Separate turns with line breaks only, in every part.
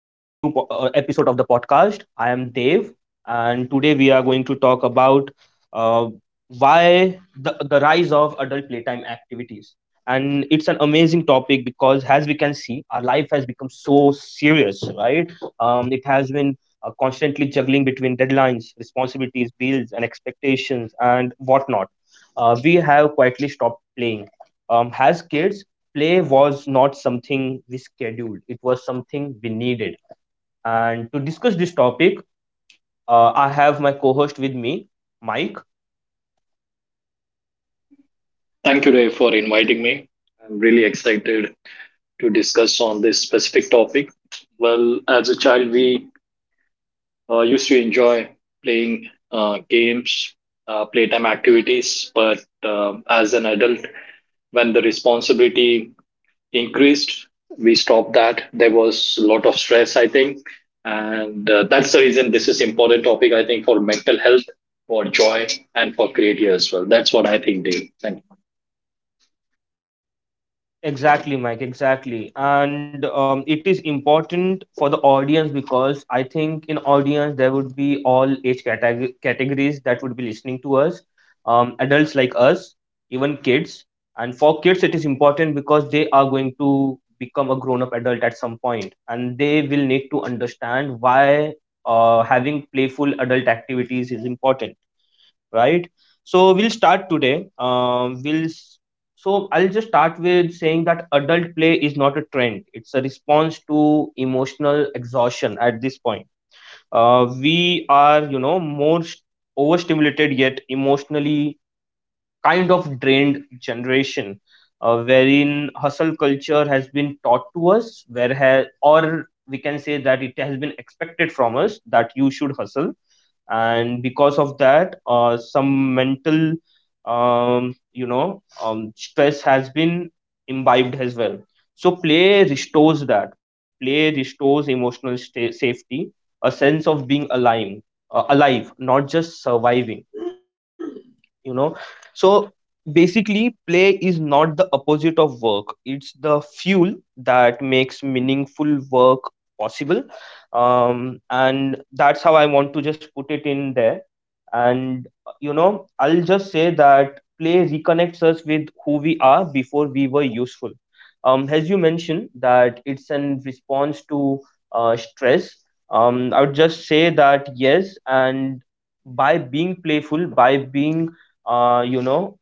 and today we are going to talk about uh, why the rise of adult playtime activities. And it's an amazing topic because, as we can see, our life has become so serious, right? It has been constantly juggling between deadlines, responsibilities, bills, and expectations, and whatnot. We have quietly stopped playing. As kids, play was not something we scheduled, it was something we needed. And to discuss this topic, I have my co host with me, Mike.
Thank you, Ray, for inviting me. I'm really excited to discuss on this specific topic. Well, as a child, we used to enjoy playing games, playtime activities, but as an adult, when the responsibility increased, we stopped that. There was a lot of stress, I think, and that's the reason this is important topic. I think for mental health, for joy, and for creativity as well. That's what I think, Dave. Thank you.
Exactly, Mike, exactly. And it is important for the audience because I think in audience there would be all age categories that would be listening to us, adults like us, even kids. And for kids, it is important because they are going to become a grown-up adult at some point, and they will need to understand why having playful adult activities is important, right? So we'll start today. So I'll just start with saying that adult play is not a trend. It's a response to emotional exhaustion at this point. We are, you know, more overstimulated yet emotionally kind of drained generation, wherein hustle culture has been taught to us, where ha- or we can say that it has been expected from us that you should hustle, and because of that some mental stress has been imbibed as well. So play restores that. Play restores emotional sta safety, a sense of being alive, alive, not just surviving, you know. So basically, play is not the opposite of work, it's the fuel that makes meaningful work possible. And that's how I want to just put it in there. And you know, I'll just say that play reconnects us with who we are before we were useful. As you mentioned, that it's in response to stress. I would just say that yes, and by being playful, by being uh, you know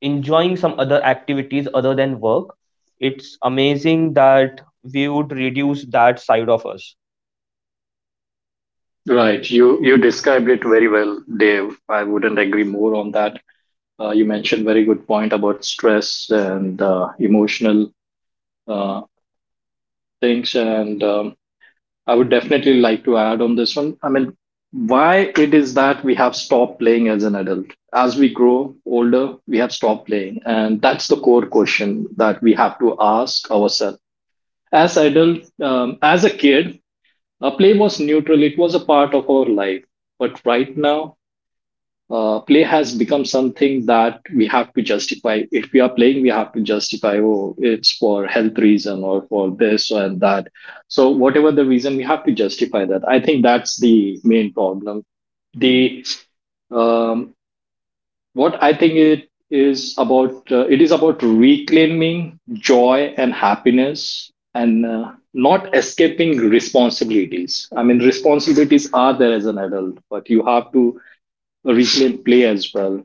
enjoying some other activities other than work, it's amazing that we would reduce that side of us.
Right. You described it very well, Dave. I wouldn't agree more on that. You mentioned very good point about stress and emotional uh, things, and I would definitely like to add on this one. I mean, why it is that we have stopped playing as an adult? As we grow older, we have stopped playing, and that's the core question that we have to ask ourselves. As adult, as a kid, a play was neutral. It was a part of our life, but right now play has become something that we have to justify. If we are playing, we have to justify, oh, it's for health reason or for this and that. So whatever the reason, we have to justify that. I think that's the main problem. The um, what I think it is about reclaiming joy and happiness and not escaping responsibilities. I mean responsibilities are there as an adult, but you have to reclaim play as well.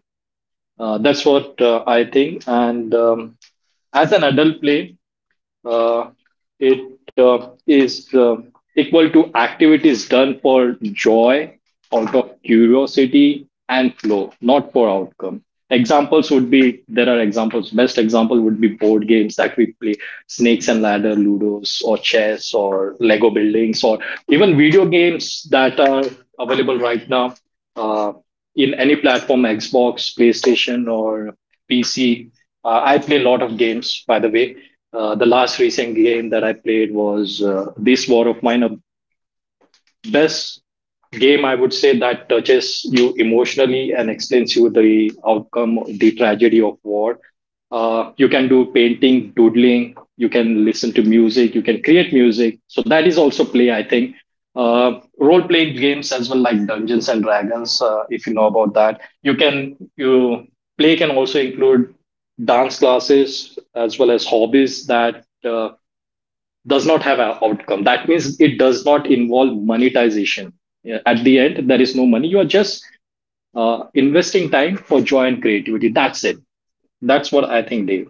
That's what I think. And as an adult play uh, it is equal to activities done for joy, out of curiosity, and flow, not for outcome. Examples would be there are examples. Best example would be board games that we play, snakes and ladder, ludos, or chess, or Lego buildings, or even video games that are available right now. Uh, in any platform, Xbox, PlayStation, or PC. I play a lot of games, by the way. The last recent game that I played was This War of Mine, a best game I would say that touches you emotionally and explains you the outcome, the tragedy of war. You can do painting, doodling, you can listen to music, you can create music. So that is also play, I think. Role playing games as well, like Dungeons and Dragons, if you know about that. You play can also include dance classes as well as hobbies that does not have an outcome. That means it does not involve monetization. Yeah, at the end, there is no money. You are just investing time for joy and creativity. That's it. That's what I think, Dave.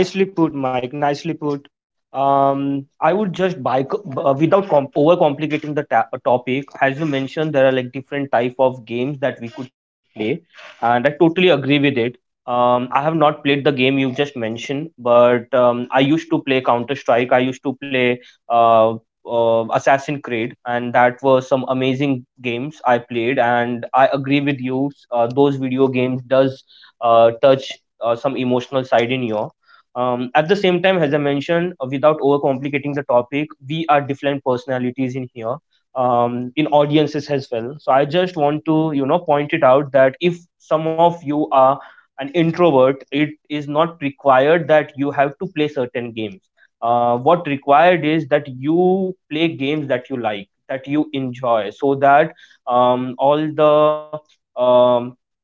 Nicely put, Mike. Nicely put. I would just without overcomplicating the topic, as you mentioned, there are like different type of games that we could play, and I totally agree with it. I have not played the game you just mentioned, but I used to play Counter Strike. I used to play uh, Assassin Creed, and that were some amazing games I played. And I agree with you. Those video games does touch some emotional side in you. At the same time, as I mentioned, without overcomplicating the topic, we are different personalities in here, in audiences as well. So I just want to, you know, point it out that if some of you are an introvert, it is not required that you have to play certain games. What required is that you play games that you like, that you enjoy, so that all the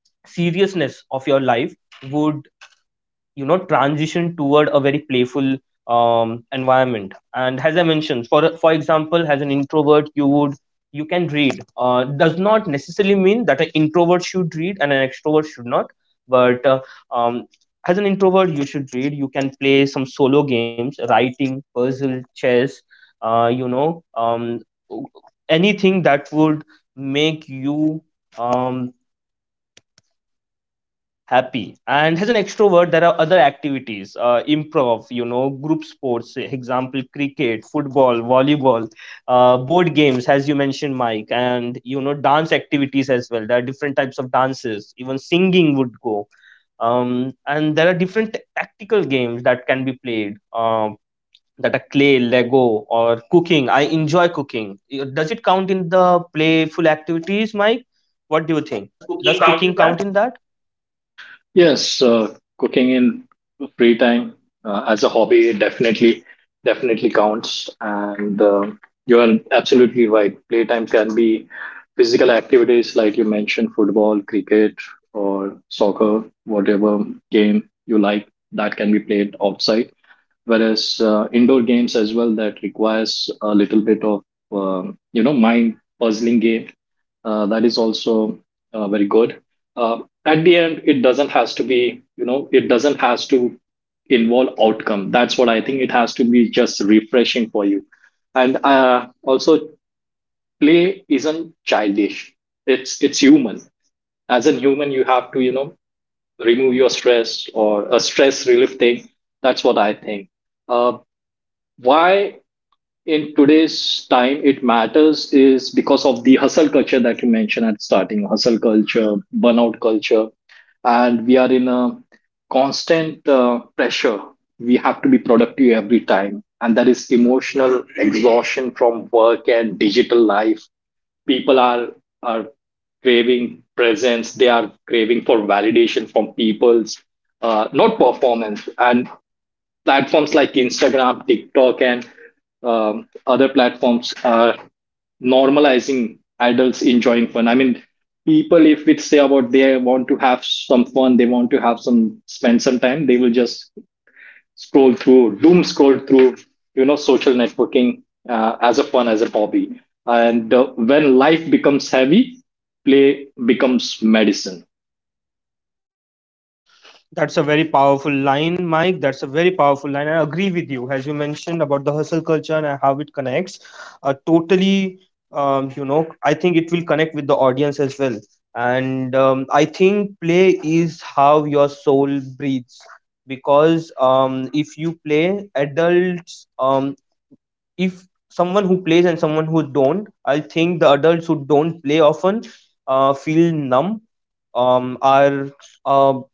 seriousness of your life would, you know, transition toward a very playful environment. And as I mentioned, for example, as an introvert you would, you can read. Does not necessarily mean that an introvert should read and an extrovert should not, but um, as an introvert you should read, you can play some solo games, writing, puzzle, chess, uh, you know um, anything that would make you um, happy. And as an extrovert, there are other activities, improv, you know, group sports, example, cricket, football, volleyball, board games, as you mentioned, Mike, and you know, dance activities as well. There are different types of dances, even singing would go. And there are different tactical games that can be played, that are clay, Lego, or cooking. I enjoy cooking. Does it count in the playful activities, Mike? What do you think?
Does cooking
Does
count in
cooking
that?
count in that?
Yes, cooking in free time as a hobby, definitely counts, and you're absolutely right. Playtime can be physical activities like you mentioned, football, cricket, or soccer, whatever game you like that can be played outside. Whereas indoor games as well that requires a little bit of you know mind puzzling game, that is also very good. uh, at the end, it doesn't has to be, you know, it doesn't has to involve outcome. That's what I think. It has to be just refreshing for you. And also, play isn't childish, it's human. As a human you have to, you know, remove your stress or a stress relief thing. That's what I think. uh, why in today's time it matters is because of the hustle culture that you mentioned at starting, hustle culture, burnout culture, and we are in a constant pressure. We have to be productive every time and that is emotional exhaustion from work and digital life. People are craving presence, they are craving for validation from people's, not performance, and platforms like Instagram, TikTok, and other platforms are normalizing adults enjoying fun. I mean, people, if we say about they want to have some fun, they want to have some spend some time, they will just scroll through, doom scroll through, you know, social networking as a fun, as a hobby. And when life becomes heavy, play becomes medicine.
That's a very powerful line, Mike. That's a very powerful line. I agree with you, as you mentioned about the hustle culture and how it connects. Totally, you know, I think it will connect with the audience as well. And I think play is how your soul breathes, because if you play, adults, if someone who plays and someone who don't, I think the adults who don't play often feel numb. Um, are um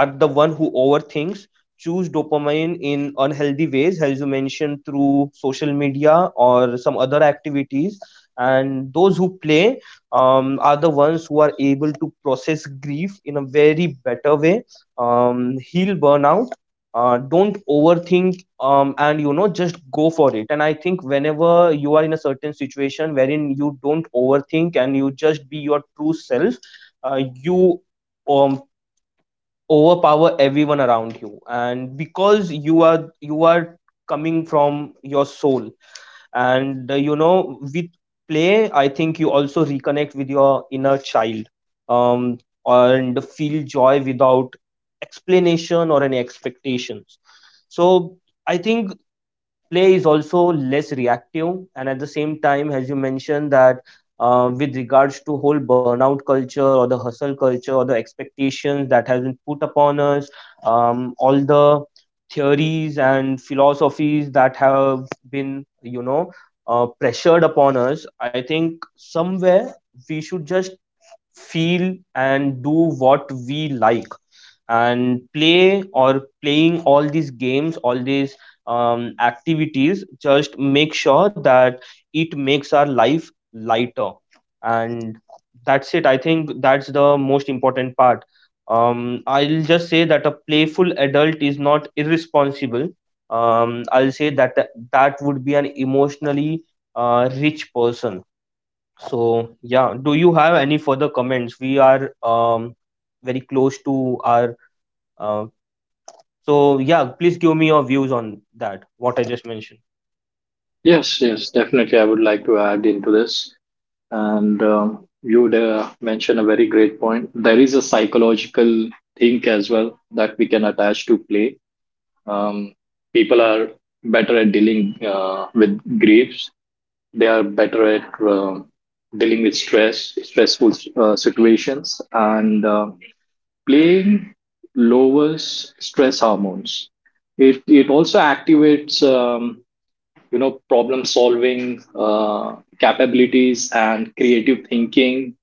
are the one who overthinks, choose dopamine in unhealthy ways, as you mentioned, through social media or some other activities. And those who play are the ones who are able to process grief in a very better way, heal burnout, don't overthink, and you know, just go for it. And I think whenever you are in a certain situation wherein you don't overthink and you just be your true self, you um, overpower everyone around you, and because you are coming from your soul. And you know, with play, I think you also reconnect with your inner child um and feel joy without explanation or any expectations. So I think play is also less reactive. And at the same time, as you mentioned that, with regards to whole burnout culture or the hustle culture or the expectations that has been put upon us, all the theories and philosophies that have been, you know, pressured upon us, I think somewhere we should just feel and do what we like. And play, or playing all these games, all these activities, just make sure that it makes our life lighter. And that's it, I think. That's the most important part. I'll just say that a playful adult is not irresponsible. I'll say that that would be an emotionally rich person. So, yeah, do you have any further comments? We are very close to our. Uh, so, yeah, please give me your views on that, what I just mentioned.
Yes, yes, definitely. I would like to add into this. And you would mention a very great point. There is a psychological thing as well that we can attach to play. Um, People are better at dealing with griefs. They are better at dealing with stress, stressful situations, and playing lowers stress hormones. It also activates you know, problem solving capabilities and creative thinking.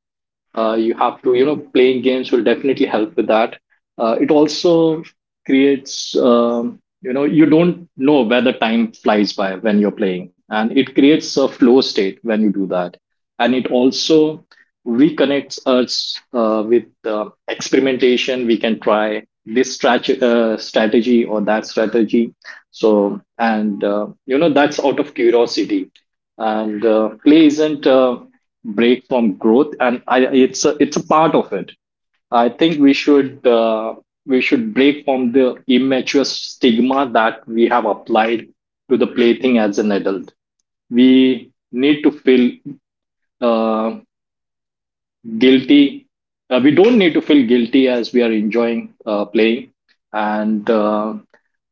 You have to, you know, playing games will definitely help with that. It also creates, you know, you don't know where the time flies by when you're playing, and it creates a flow state when you do that. And it also reconnects us with experimentation. We can try this strategy or that strategy. So, and you know, that's out of curiosity. And play isn't break from growth, and I, it's a part of it. I think we should break from the immature stigma that we have applied to the plaything as an adult. We need to feel uh, guilty. We don't need to feel guilty as we are enjoying playing. And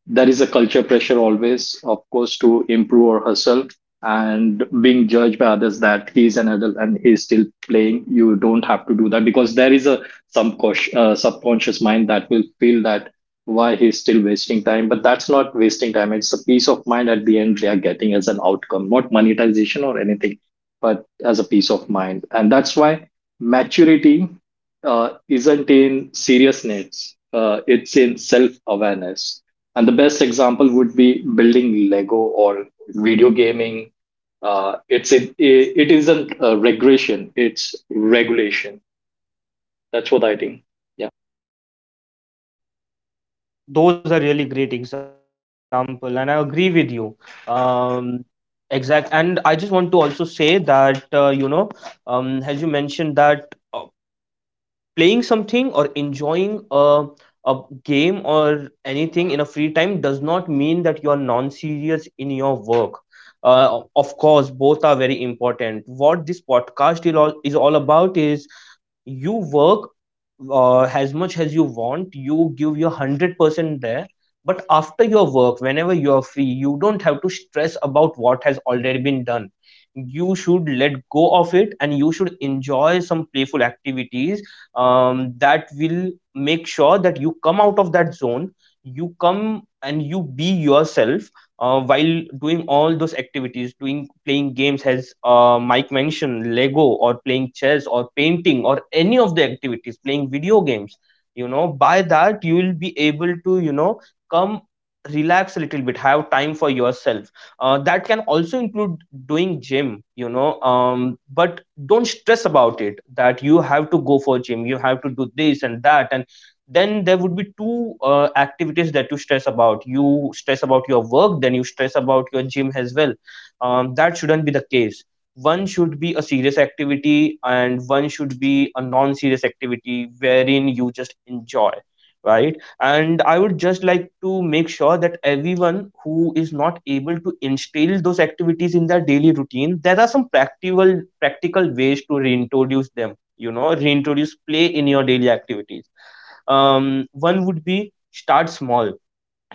there is a culture pressure always, of course, to improve or hustle and being judged by others that he's an adult and he's still playing. You don't have to do that because there is a some subconscious mind that will feel that why he's still wasting time. But that's not wasting time. It's a peace of mind at the end they are getting as an outcome, not monetization or anything, but as a peace of mind. And that's why maturity isn't in seriousness, it's in self awareness. And the best example would be building Lego or video gaming. It isn't regression, it's regulation. That's what I think. Yeah.
Those are really great example, and I agree with you. Um, Exact. And I just want to also say that, you know, as you mentioned that, playing something or enjoying a game or anything in a free time does not mean that you are non-serious in your work. Of course, both are very important. What this podcast is is all about is you work as much as you want, you give your 100% there. But after your work, whenever you are free, you don't have to stress about what has already been done. You should let go of it, and you should enjoy some playful activities. That will make sure that you come out of that zone, you come and you be yourself, while doing all those activities, doing, playing games, as Mike mentioned, Lego, or playing chess, or painting, or any of the activities, playing video games. You know, by that, you will be able to, you know, come, relax a little bit, have time for yourself. That can also include doing gym, you know, but don't stress about it, that you have to go for gym, you have to do this and that. And then there would be two activities that you stress about. You stress about your work, then you stress about your gym as well. That shouldn't be the case. One should be a serious activity, and one should be a non-serious activity, wherein you just enjoy. Right. And I would just like to make sure that everyone who is not able to instill those activities in their daily routine, there are some practical ways to reintroduce them, you know, reintroduce play in your daily activities. One would be, start small.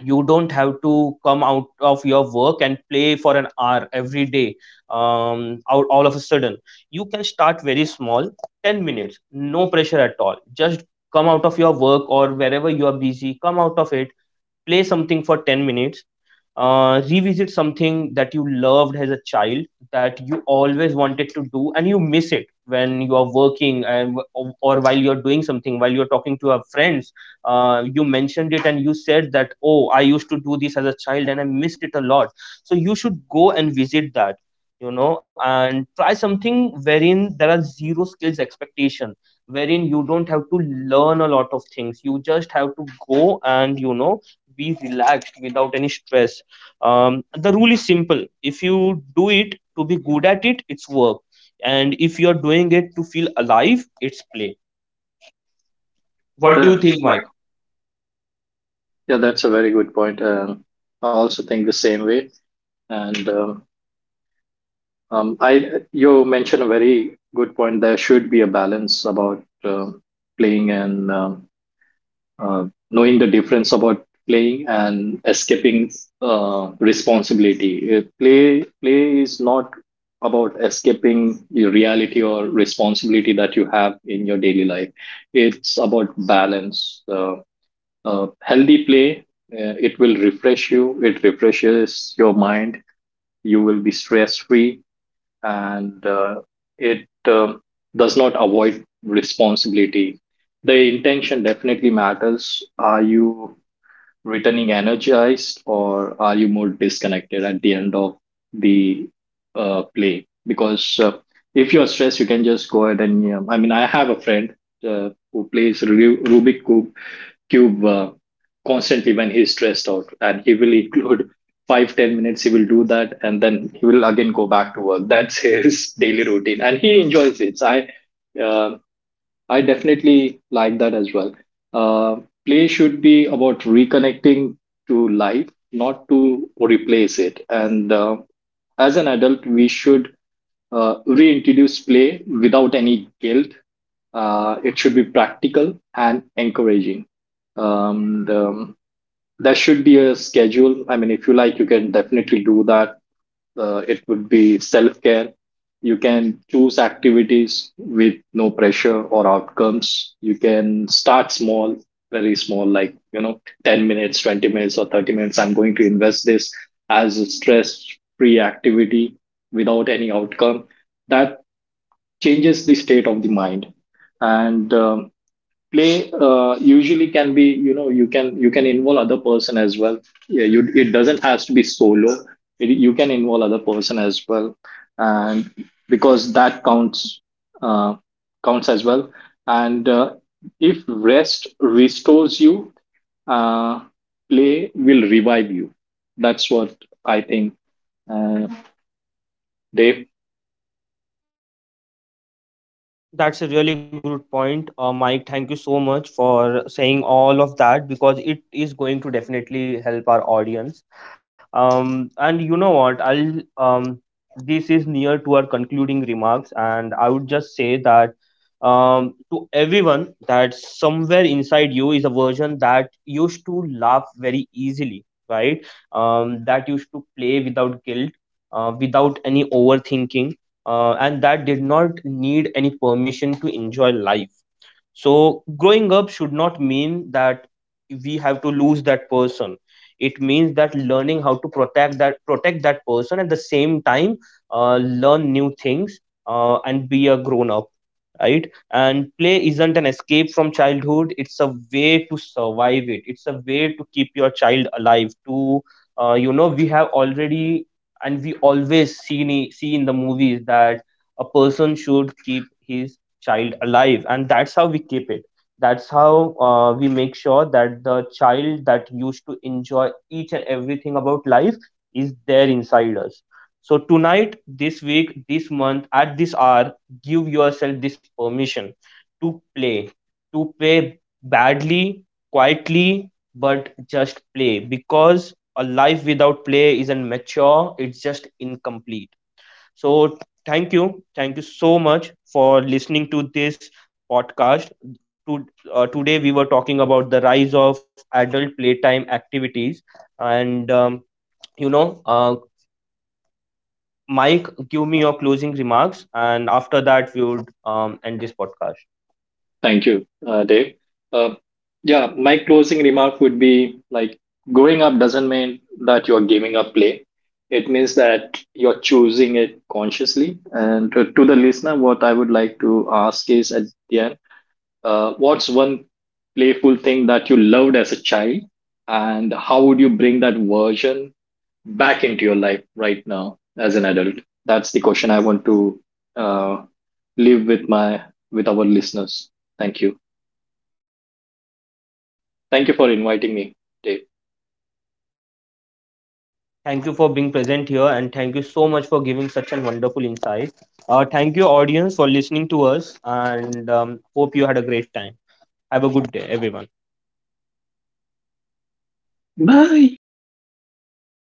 You don't have to come out of your work and play for an hour every day, out all of a sudden. You can start very small, 10 minutes, no pressure at all. Just come out of your work or wherever you are busy, come out of it, play something for 10 minutes. Revisit something that you loved as a child, that you always wanted to do, and you miss it when you are working, or while you're doing something, while you're talking to your friends, you mentioned it and you said that, oh, I used to do this as a child and I missed it a lot. So you should go and visit that, you know, and try something wherein there are zero skills expectation, wherein you don't have to learn a lot of things. You just have to go, and you know, be relaxed without any stress. The rule is simple. If you do it to be good at it, it's work. And if you're doing it to feel alive, it's play.
What
What
do
do you
you
think,
think,
Mike?
Mike? Yeah, that's a very good point. I also think the same way. And you mentioned a very good point. There should be a balance about playing and uh, knowing the difference about playing and escaping responsibility. Play is not about escaping the reality or responsibility that you have in your daily life. It's about balance. Healthy play. It will refresh you. It refreshes your mind. You will be stress free and it does not avoid responsibility. The intention definitely matters. Are you returning energized or are you more disconnected at the end of the play? Because if you're stressed, you can just go ahead and, I mean, I have a friend who plays Rubik Cube constantly when he's stressed out, and he will include 5-10 minutes. He will do that, and then he will again go back to work. That's his daily routine, and he enjoys it. Uh, I definitely like that as well. Uh, play should be about reconnecting to life, not to replace it. And as an adult, we should reintroduce play without any guilt. It should be practical and encouraging. Um, the, there should be a schedule. I mean, if you like, you can definitely do that. It could be self care. You can choose activities with no pressure or outcomes. You can start small, very small, like, you know, 10 minutes, 20 minutes, or 30 minutes. I'm going to invest this as a stress free activity without any outcome. That changes the state of the mind. And play usually can be, you know, you can involve other person as well. Yeah, you it doesn't has to be solo, it, you can involve other person as well. And because that counts, uh, counts as well. And if rest restores you, uh, play will revive you. That's what I think, uh, Dave.
That's a really good point, Mike. Thank you so much for saying all of that, because it is going to definitely help our audience. And you know what? I'll This is near to our concluding remarks, and I would just say that to everyone, that somewhere inside you is a version that used to laugh very easily, right? That used to play without guilt, without any overthinking, and that did not need any permission to enjoy life. So growing up should not mean that we have to lose that person. It means that learning how to protect that person. At the same time, learn new things, and be a grown up, right? And play isn't an escape from childhood. It's a way to survive it. It's a way to keep your child alive. To You know, we have already, and we always see in the movies that a person should keep his child alive, and that's how we keep it. That's how we make sure that the child that used to enjoy each and everything about life is there inside us. So tonight, this week, this month, at this hour, give yourself this permission to play, to play badly, quietly, but just play. Because a life without play isn't mature, it's just incomplete. So thank you so much for listening to this podcast. To, Today we were talking about the rise of adult playtime activities, and you know, uh, Mike, give me your closing remarks, and after that we would end this podcast.
Thank you, Dave. Uh, yeah, my closing remark would be like growing up doesn't mean that you're giving up play. It means that you're choosing it consciously. And to the listener, what I would like to ask is at the end, what's one playful thing that you loved as a child, and how would you bring that version back into your life right now as an adult? That's the question I want to uh, leave with my with our listeners. Thank you. Thank you for inviting me, Dave.
Thank you for being present here, and thank you so much for giving such a wonderful insight. Thank you, audience, for listening to us, and hope you had a great time. Have a good day, everyone.
Bye.